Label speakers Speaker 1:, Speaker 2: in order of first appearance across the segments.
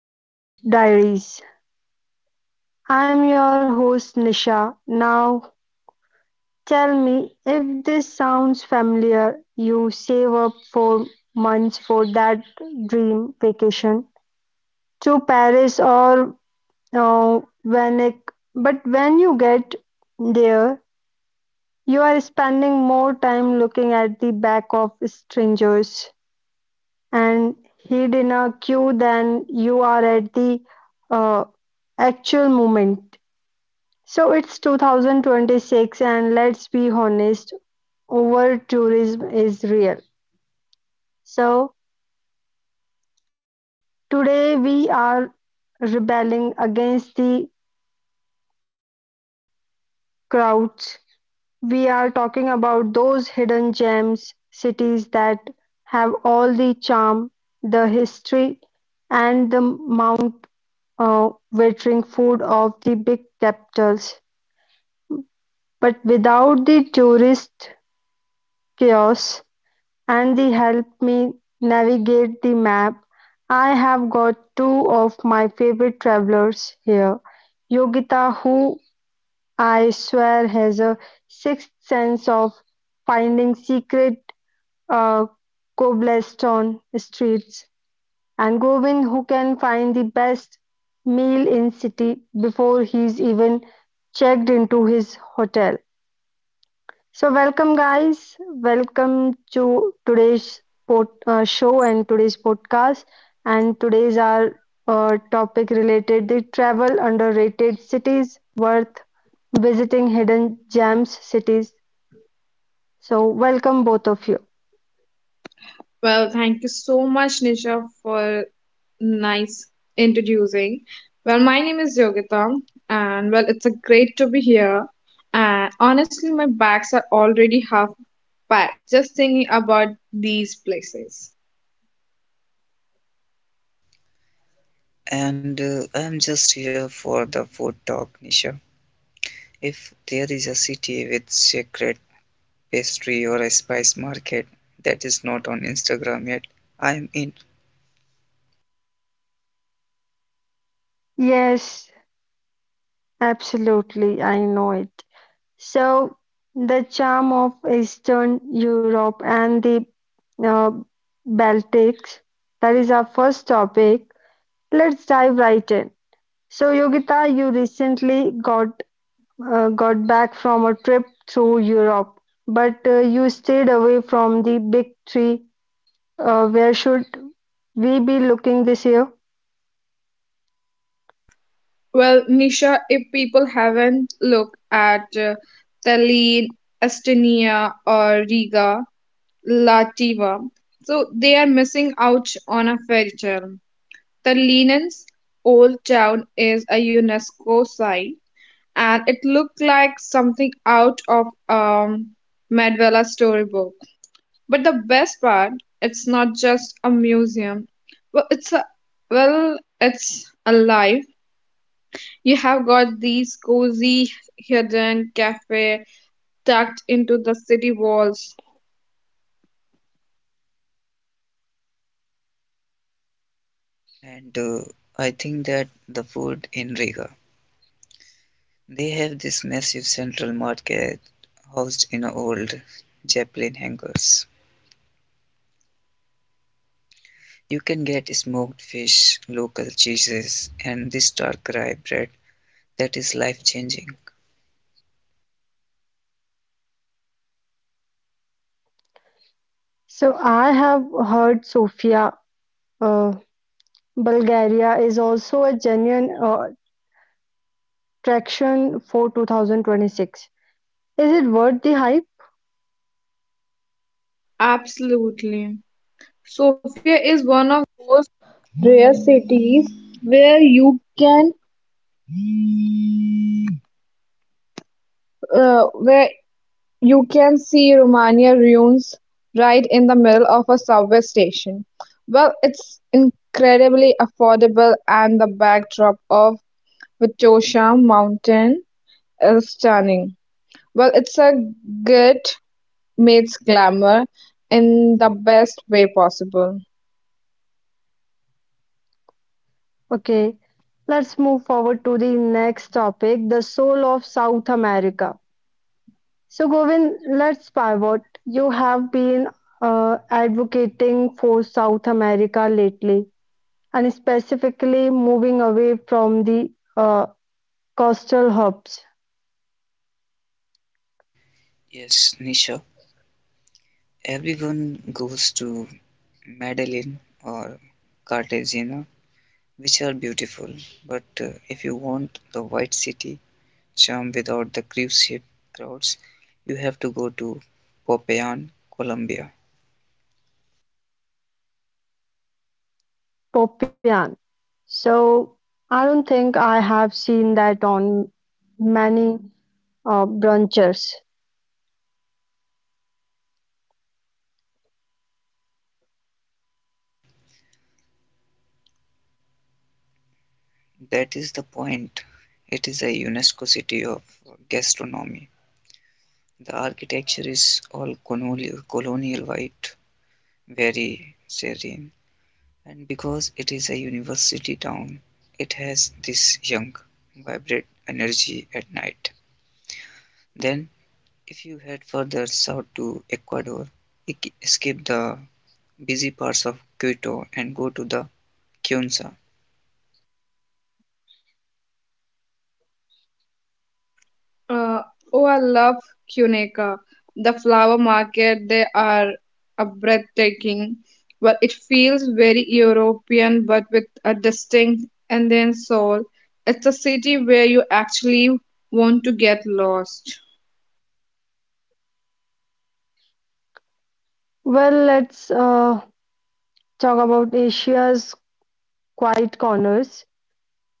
Speaker 1: Detour Diaries. I'm your host Nisha. Now, tell me if this sounds familiar. You save up for months for that dream vacation to Paris or Venice, but when you get there, you are spending more time looking at the back of strangers and hid in a queue than you are at the uh, actual moment. So it's 2026, and let's be honest, over tourism is real. So today we are rebelling against the crowds. We are talking about those hidden gems, cities that have all the charm, the history, and the mount. Uh, watering food of the big capitals. But without the tourist kiosks and the help me navigate the map, I have got two of my favorite travelers here. Yogita, who I swear has a sixth sense of finding secret uh, cobblestone streets, and Govin who can find the best meal in city before he's even checked into his hotel. So welcome guys, welcome to today's show and today's podcast. And today's our topic related the travel underrated cities worth visiting hidden gems cities. So welcome both of you.
Speaker 2: Well, thank you so much, Nisha, for nice introducing. Well, my name is Yogita, and well, it's a great to be here. And honestly, my bags are already half packed just thinking about these places.
Speaker 3: And I'm just here for the food talk, Nisha. If there is a city with secret pastry or a spice market that is not on Instagram yet, I'm in.
Speaker 1: Yes, absolutely. I know it. So the charm of Eastern Europe and the uh, Baltics, that is our first topic. Let's dive right in. So Yogita, you recently got back from a trip through Europe, but you stayed away from the big three. Where should we be looking this year?
Speaker 2: Well, Nisha, if people haven't looked at Tallinn, Estonia, or Riga, Lativa, so they are missing out on a fairy tale. The Linen's old town is a UNESCO site, and it looked like something out of Medvella storybook. But the best part, it's not just a museum. Well, it's a, well, it's alive. You have got these cozy hidden cafe tucked into the city walls.
Speaker 3: And I think that the food in Riga. They have this massive central market housed in a old Zeppelin hangars. You can get smoked fish, local cheeses, and this dark rye bread that is life changing.
Speaker 1: So I have heard Sofia, uh, Bulgaria is also a genuine Traction for 2026. Is it worth the hype?
Speaker 2: Absolutely. Sophia.
Speaker 1: Okay, let's move forward to the next topic, the soul of South America. So, Govind, let's pivot. You have been advocating for South America lately, and specifically moving away from the uh, coastal hubs,
Speaker 3: Yes, Nisha. Everyone goes to Medellin or Cartagena, which are beautiful. But if you want the white city charm without the cruise ship crowds, you have to go to Popayan, Colombia.
Speaker 1: Popayan. So, I don't think I have seen that on many branches.
Speaker 3: Yes, that is the point. It is a UNESCO city of gastronomy. The architecture is all colonial, colonial white, very serene. And because it is a university town, it has this young, vibrant energy at night. Then, if you head further south to Ecuador, escape the busy parts of Quito and go to the Quienca.
Speaker 2: Uh, oh, I love Cuneka. The flower market, they are a breathtaking. Well, it feels very European, but with a distinct and soul. It's a city where you actually want to get lost.
Speaker 1: Well, let's talk about Asia's quiet corners.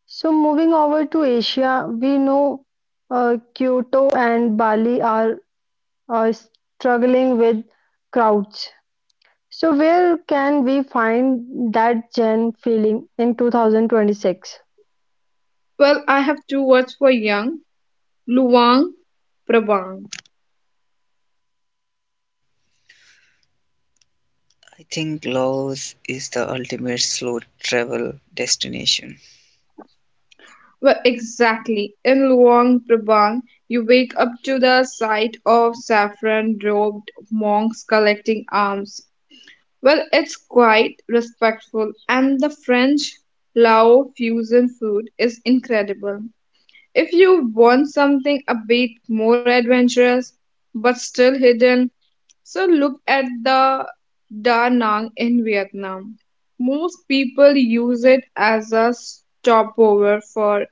Speaker 1: So, moving over to Asia, we know Kyoto and Bali are struggling with crowds. So, where can we find that gen feeling in 2026?
Speaker 2: Well, I have two words for young. Luang, Prabang.
Speaker 3: I think Laos is the ultimate slow travel destination.
Speaker 2: Well, exactly. In Luang Prabang, you wake up to the sight of saffron-robed monks collecting alms. Well, it's quite respectful, and the French Lao fusion food is incredible. If you want something a bit more adventurous but still hidden, so look at the Da Nang in Vietnam. Most people use it as a stopover for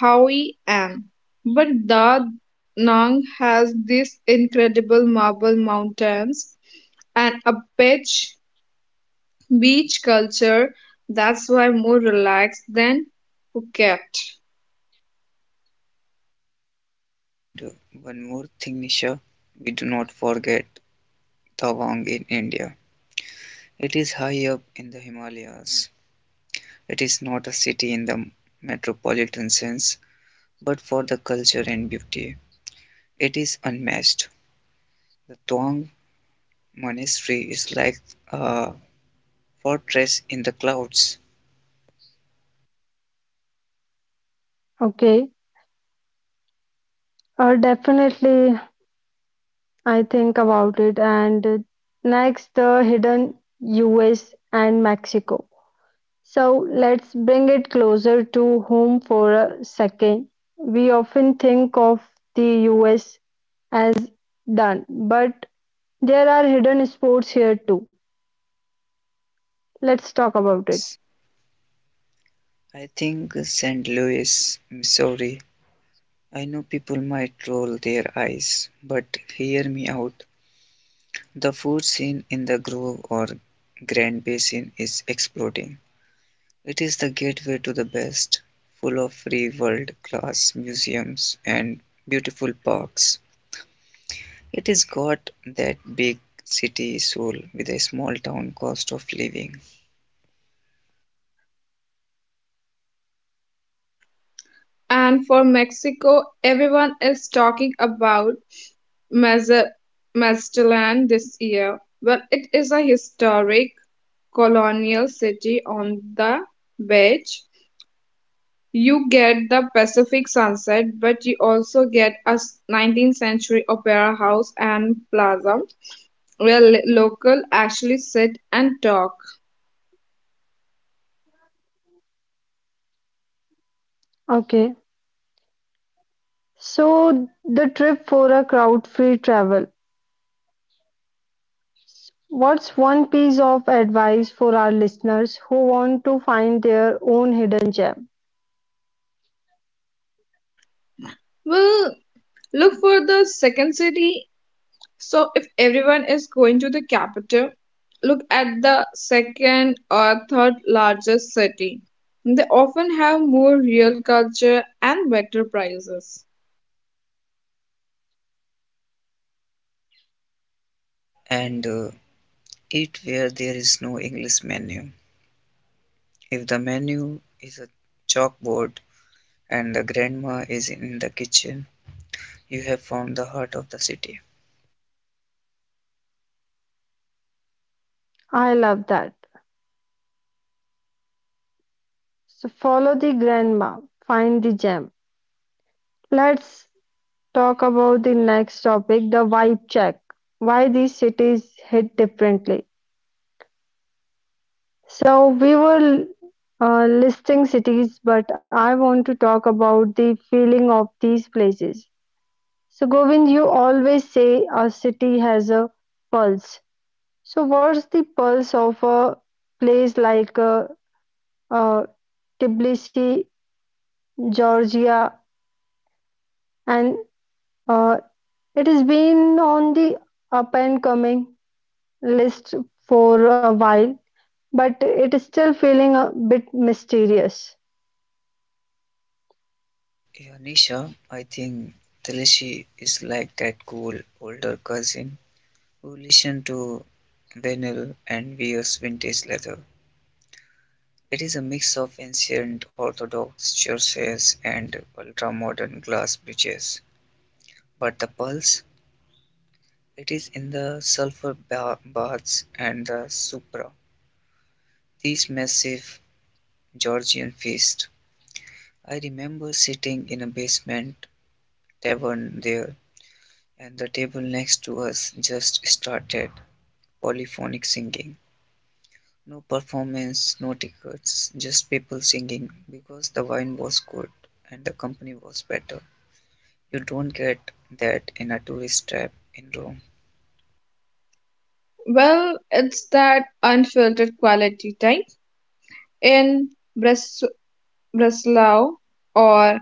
Speaker 2: Hoi An, but Da Nang has these incredible marble mountains and a beach culture that's why more relaxed than Phuket.
Speaker 3: And one more thing, Nisha, we do not forget Tawang in India. It is high up in the Himalayas. It is not a city in the metropolitan sense, but for the culture and beauty, it is unmatched. The Tawang Monastery is like a fortress in the clouds.
Speaker 1: Okay, definitely I think about it. And next, the hidden US and Mexico. So let's bring it closer to home for a second. We often think of the US as done, but there are hidden sports here too. Let's talk about it.
Speaker 3: Yes, I think St. Louis, Missouri. I know people might roll their eyes, but hear me out. The food scene in the Grove or Grand Basin is exploding. It is the gateway to the best, full of free world class museums and beautiful parks. It has got that big city soul with a small town cost of living.
Speaker 2: And for Mexico, everyone is talking about Maza- Mazatlan this year. Well, it is a historic colonial city on the beach. You get the Pacific sunset, but you also get a 19th century opera house and plaza where local actually sit and talk.
Speaker 1: Okay. So the trip for a crowd-free travel. What's one piece of advice for our listeners who want to find their own hidden gem?
Speaker 2: Well, look for the second city. So if everyone is going to the capital, look at the second or third largest city. They often have more real culture and better prices.
Speaker 3: And Eat where there is no English menu. If the menu is a chalkboard and the grandma is in the kitchen, you have found the heart of the city.
Speaker 1: I love that. So follow the grandma, find the gem. Let's talk about the next topic, the vibe check. Why these cities hit differently. So we were listing cities, but I want to talk about the feeling of these places. So Govind, you always say a city has a pulse. So what's the pulse of a place like uh, Tbilisi, Georgia, and uh, it has been on the up and coming list for a while but it is still feeling a bit mysterious.
Speaker 3: Yeah, I think Telishi is like that cool older cousin who listened to vinyl and wears vintage leather. It is a mix of ancient orthodox churches and ultra-modern glass bridges. But the pulse, it is in the sulfur baths and the supra. These massive Georgian feast. I remember sitting in a basement tavern there, and the table next to us just started polyphonic singing. No performance, no tickets, just people singing because the wine was good and the company was better. You don't get that in a tourist trap in Rome.
Speaker 2: Well, it's that unfiltered quality time in Bres- Breslau or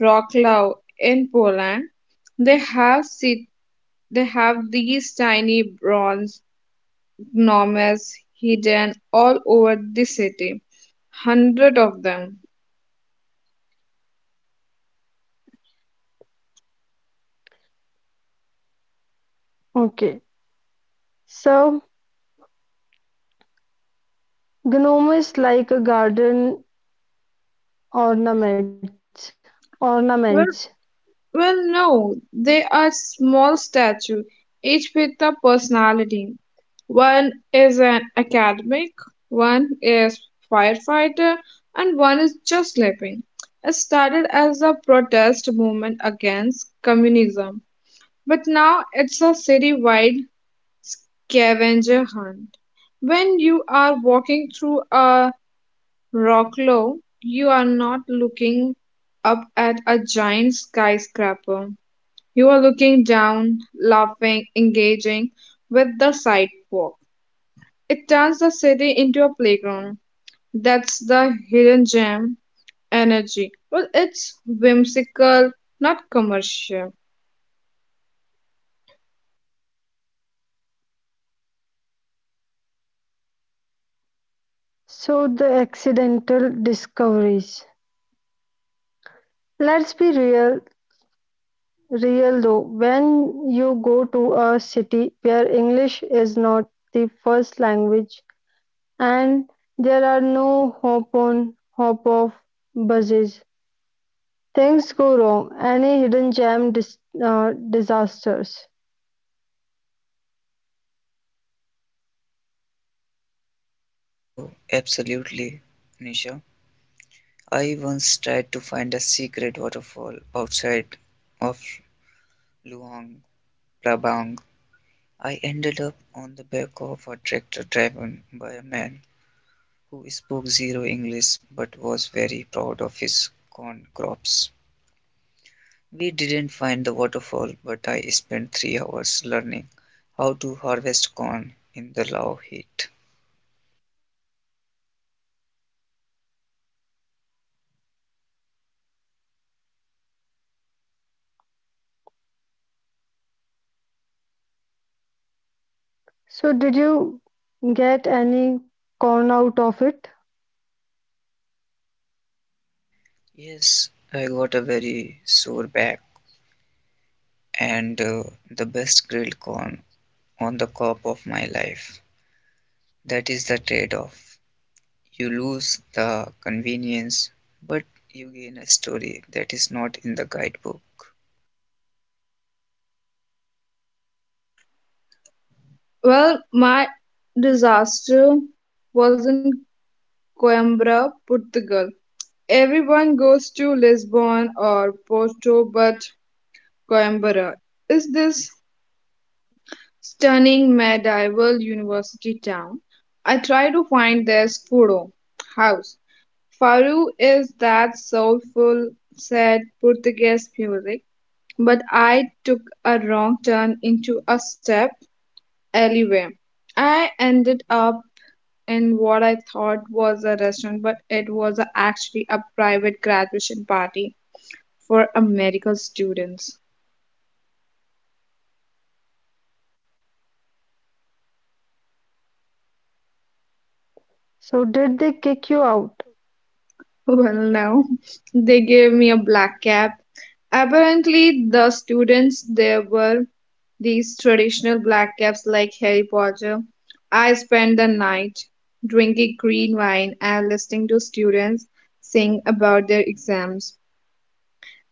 Speaker 2: Wroclaw in Poland. They have sit- they have these tiny bronze gnomes hidden all over the city. Hundred of them.
Speaker 1: Okay, so gnome is like a garden ornament. Ornaments.
Speaker 2: Well, well, no, they are small statues, each with a personality. One is an academic, one is firefighter, and one is just sleeping. It started as a protest movement against communism, but now it's a city-wide scavenger hunt. When you are walking through a Rocklow, you are not looking up at a giant skyscraper. You are looking down, laughing, engaging with the sidewalk. It turns the city into a playground. That's the hidden gem energy. Well, it's whimsical, not commercial.
Speaker 1: So the accidental discoveries. Let's be real though. When you go to a city where English is not the first language and there are no hop on, hop off buses, things go wrong. Any hidden gem disasters.
Speaker 3: Oh, absolutely, Nisha. I once tried to find a secret waterfall outside of Luang Prabang. I ended up on the back of a tractor driven by a man who spoke zero English but was very proud of his corn crops. We didn't find the waterfall, but I spent 3 hours learning how to harvest corn in the low heat.
Speaker 1: So did you get any corn out of it?
Speaker 3: Yes, I got a very sore back, and the best grilled corn on the cob of my life. That is the trade off. You lose the convenience, but you gain a story that is not in the guidebook.
Speaker 2: Well, my disaster was in Coimbra, Portugal. Everyone goes to Lisbon or Porto, but Coimbra is this stunning medieval university town. I try to find this Furo house. Faro is that soulful, sad Portuguese music, but I took a wrong turn into a step alleyway. I ended up in what I thought was a restaurant, but it was actually a private graduation party for a medical students.
Speaker 1: So did they kick you out?
Speaker 2: Well, no, they gave me a black cap. Apparently, the students there were these traditional black caps like Harry Potter. I spent the night drinking green wine and listening to students sing about their exams.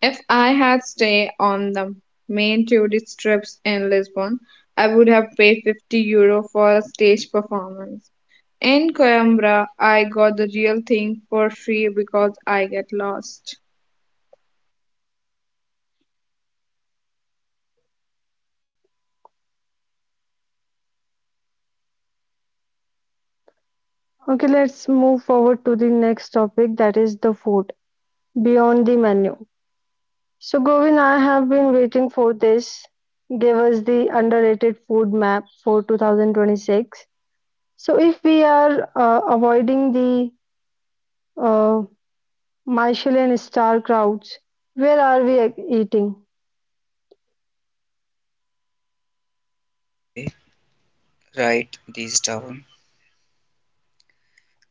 Speaker 2: If I had stayed on the main tourist trips in Lisbon, I would have paid €50 for a stage performance. In Coimbra, I got the real thing for free because I get lost.
Speaker 1: Okay, let's move forward to the next topic that is the food beyond the menu. So Govin, I have been waiting for this. Give us the underrated food map for 2026. So if we are avoiding the uh, Michelin star crowds, where are we eating?
Speaker 3: Okay, write these down.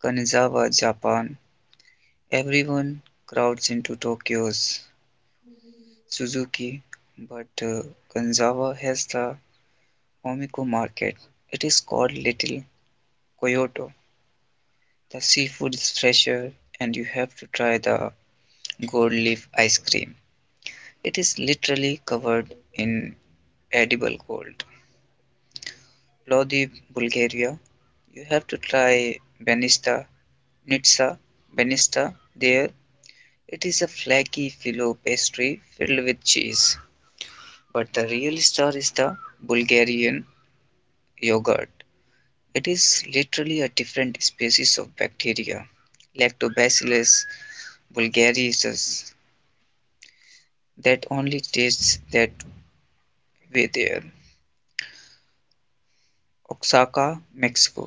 Speaker 3: Kanazawa, Japan. Everyone crowds into Tokyo's Suzuki, but Kanazawa has the Omiko market. It is called Little Kyoto. The seafood is fresher, and you have to try the gold leaf ice cream. It is literally covered in edible gold. Plovdiv, Bulgaria. You have to try Banista, Nizza Banista there. It is a flaky filo pastry filled with cheese. But the real star is the Bulgarian yogurt. It is literally a different species of bacteria, Lactobacillus bulgariensis, that only tastes that way there. Oaxaca, Mexico.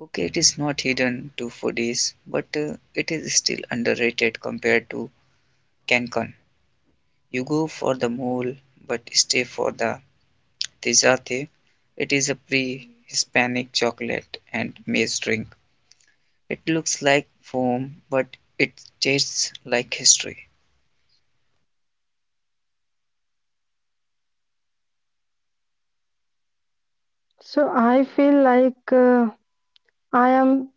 Speaker 3: Okay, it is not hidden to foodies, but it is still underrated compared to Cancun. You go for the mole, but stay for the tejate. It is a pre Hispanic chocolate and maize drink. It looks like foam, but it tastes like history.
Speaker 1: So I feel like I am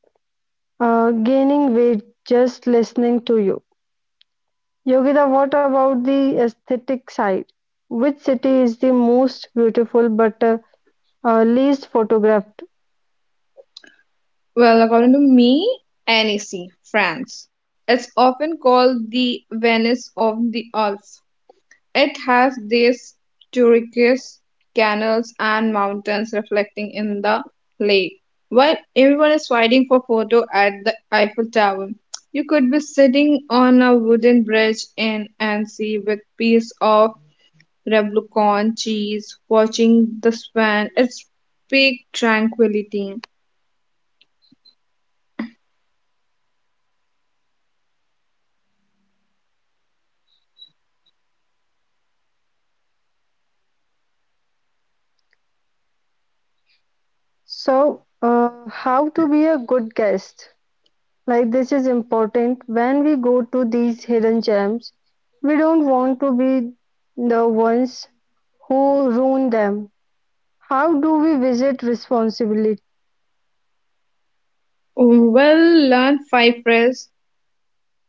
Speaker 1: gaining weight just listening to you. Yogita, what about the aesthetic side? Which city is the most beautiful but least photographed?
Speaker 2: Well, according to me, Annecy, France. It's often called the Venice of the Alps. It has these turquoise canals and mountains reflecting in the lake. While everyone is fighting for photo at the Eiffel Tower, you could be sitting on a wooden bridge in Annecy with piece of reblochon cheese, watching the swan. It's peak tranquility.
Speaker 1: So, how to be a good guest? Like, this is important when we go to these hidden gems. We don't want to be the ones who ruin them. How do we visit responsibly?
Speaker 2: Well, learn five phrases,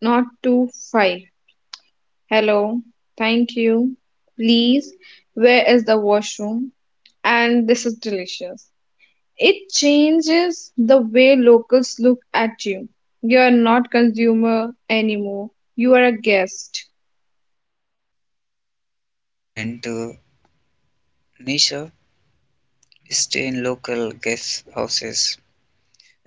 Speaker 2: not twenty five. Hello, thank you. Please, where is the washroom? And this is delicious. It changes the way locals look at you. You are not consumer anymore. You are a guest.
Speaker 3: And the Nisha, stay in local guest houses.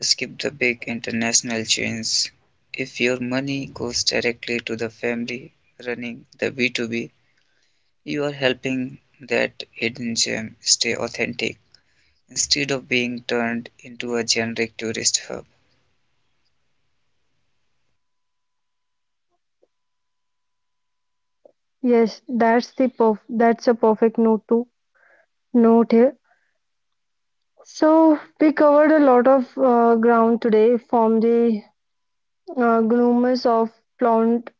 Speaker 3: Skip the big international chains. If your money goes directly to the family running the B2B, you are helping that hidden gem stay authentic, instead of being turned into a generic tourist hub.
Speaker 1: Yes, that's a perfect note to note here. So we covered a lot of ground today, from the gnomes of Plant,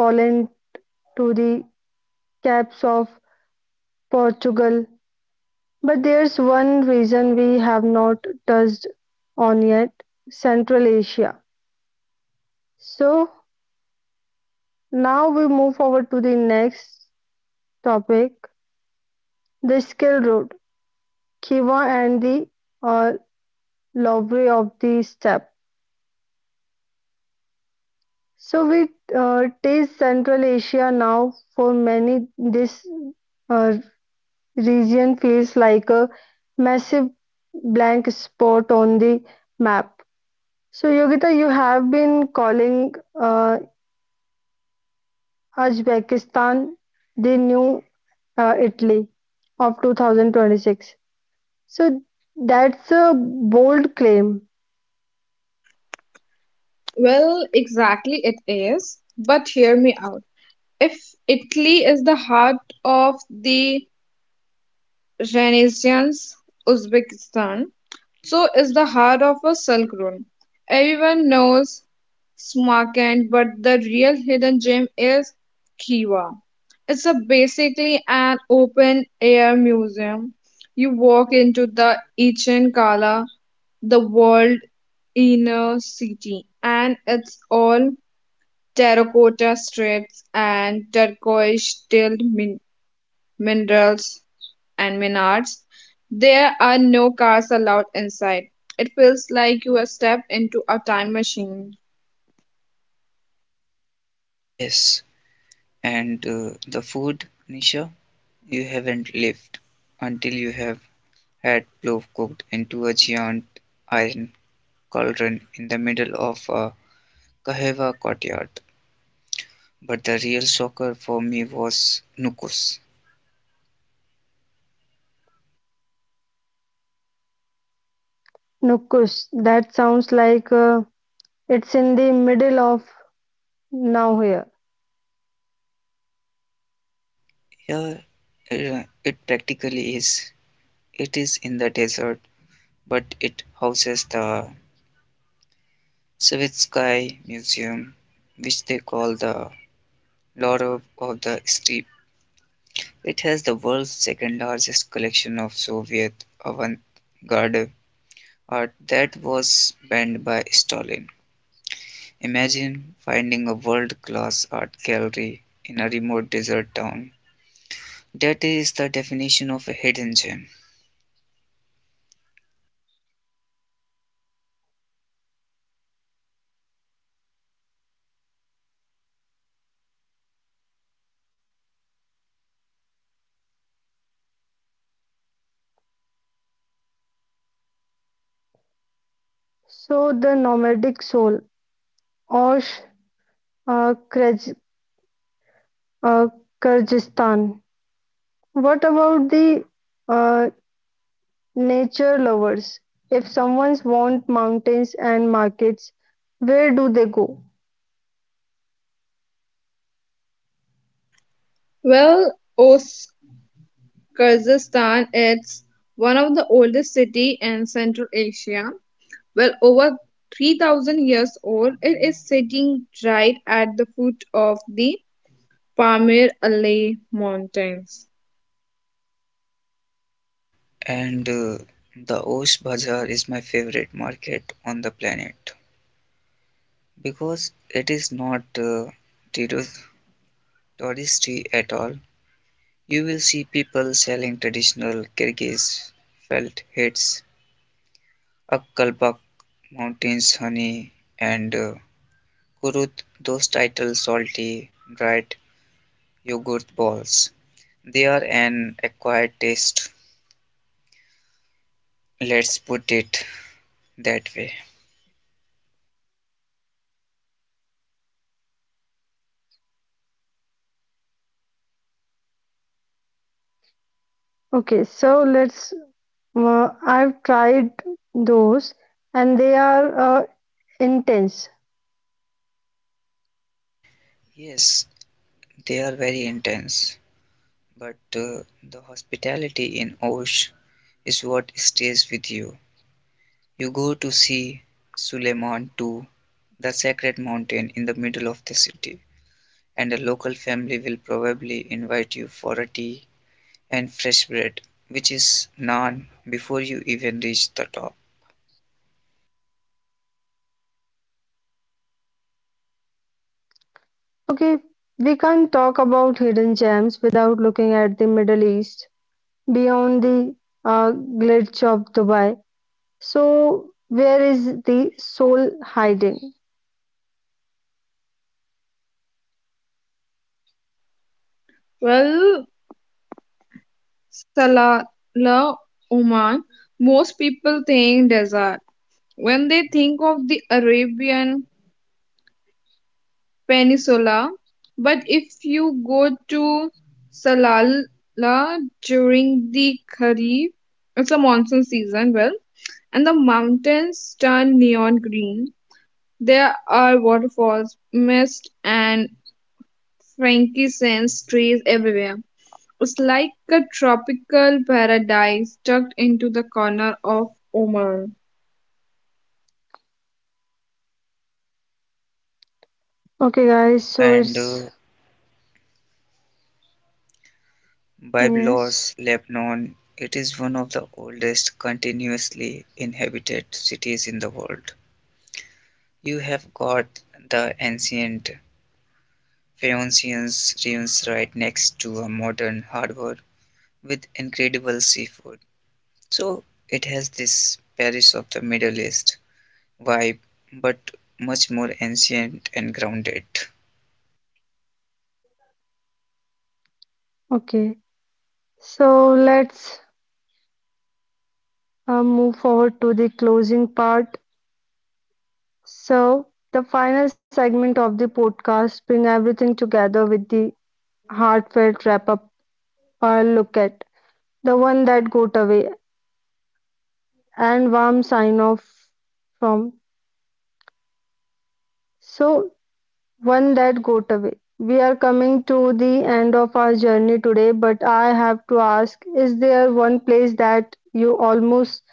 Speaker 1: Poland to the caps of Portugal. But there's one reason we have not touched on yet, Central Asia. So now we move forward to the next topic, the Silk road, Kiva and the uh, library of the steppe. So we taste Central Asia now. For many, this uh, region feels like a massive blank spot on the map. So Yogita, you have been calling uh, Uzbekistan the new Italy of 2026. So that's a bold claim.
Speaker 2: Well, exactly it is. But hear me out. If Italy is the heart of the Renaissance, Uzbekistan so is the heart of a silk room. Everyone knows Smarkand, but the real hidden gem is Kiva. It's a basically an open air museum. You walk into the Ichen Kala, the world inner city, and it's all terracotta streets and turquoise tilled minerals and Menards, there are no cars allowed inside. It feels like you have stepped into a time machine.
Speaker 3: Yes, and the food, Nisha, you haven't lived until you have had plov cooked into a giant iron cauldron in the middle of a Kaheva courtyard. But the real shocker for me was Nukos.
Speaker 1: Nukus. That sounds like it's in the middle of now here.
Speaker 3: Yeah, it practically is. It is in the desert, but it houses the Savitskaya Museum, which they call the Lord of the Steppe. It has the world's second largest collection of Soviet avant-garde art that was banned by Stalin. Imagine finding a world-class art gallery in a remote desert town. That is the definition of a hidden gem.
Speaker 1: So the nomadic soul, Osh, uh, Kyrgyz, uh, Kyrgyzstan. What about the uh, nature lovers? If someone's want mountains and markets, where do they go?
Speaker 2: Well, Kyrgyzstan is one of the oldest city in Central Asia. Well, over 3,000 years old, it is sitting right at the foot of the Pamir Ali Mountains.
Speaker 3: And the Osh Bazaar is my favorite market on the planet because it is not touristy at all. You will see people selling traditional Kyrgyz felt hats, Akkalbak mountains honey, and Kurut, those title salty, dried yogurt balls. They are an acquired taste, let's put it that way.
Speaker 1: Okay, so let's. I've tried those, and they are intense.
Speaker 3: Yes, they are very intense, but the hospitality in Osh is what stays with you. You go to see Suleiman too, the sacred mountain in the middle of the city, and a local family will probably invite you for a tea and fresh bread, which is naan before you even reach the top.
Speaker 1: Okay, we can't talk about hidden gems without looking at the Middle East beyond the glitch of Dubai. So where is the soul hiding?
Speaker 2: Well, Salalah, Oman, most people think desert when they think of the Arabian Peninsula. But if you go to Salalah during the Kharif, it's a monsoon season, well, and the mountains turn neon green. There are waterfalls, mist, and frankincense trees everywhere. It's like a tropical paradise tucked into the corner of Oman.
Speaker 1: Okay, guys. So
Speaker 3: And
Speaker 1: it's yes.
Speaker 3: Byblos, Lebanon, it is one of the oldest continuously inhabited cities in the world. You have got the ancient Phoenicians ruins right next to a modern harbor with incredible seafood. So it has this Paris of the Middle East vibe, but much more ancient and grounded.
Speaker 1: Okay. So let's move forward to the closing part. So the final segment of the podcast bring everything together with the heartfelt wrap up or look at the one that got away and warm sign off from. So one that got away. We are coming to the end of our journey today, but I have to ask, is there one place that you almost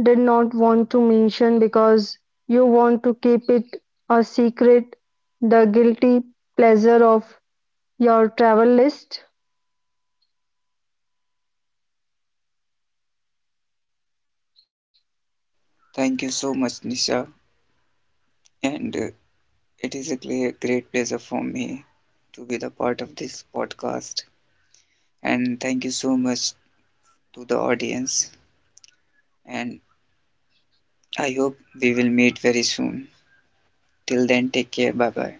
Speaker 1: did not want to mention because you want to keep it a secret? The guilty pleasure of your travel list?
Speaker 3: Thank you so much, Nisha, and it is a clear, great pleasure for me to be the part of this podcast. And thank you so much to the audience. And I hope we will meet very soon. Till then, take care. Bye bye.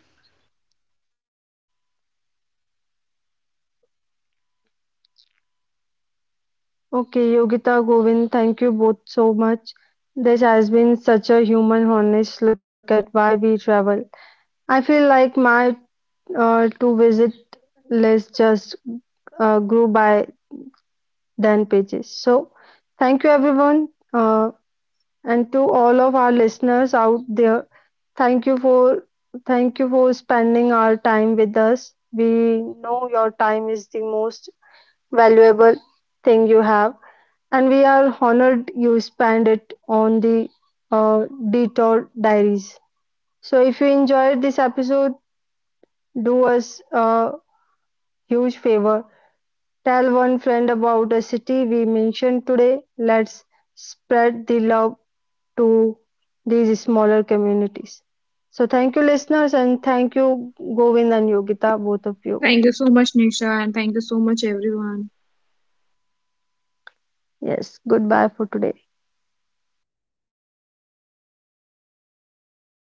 Speaker 1: Okay, Yogita Govind, thank you both so much. This has been such a human, honest look at why we travel. I feel like my to visit list just grew by than pages. So, thank you everyone, and to all of our listeners out there. Thank you for thank you for spending our time with us. We know your time is the most valuable thing you have, and we are honored you spend it on the Detour Diaries. So, if you enjoyed this episode, do us a huge favor. Tell one friend about a city we mentioned today, let's spread the love to these smaller communities. So thank you listeners and thank you Govind and Yogita both of you.
Speaker 2: Thank you so much, Nisha, and thank you so much, everyone.
Speaker 1: Yes, goodbye for today.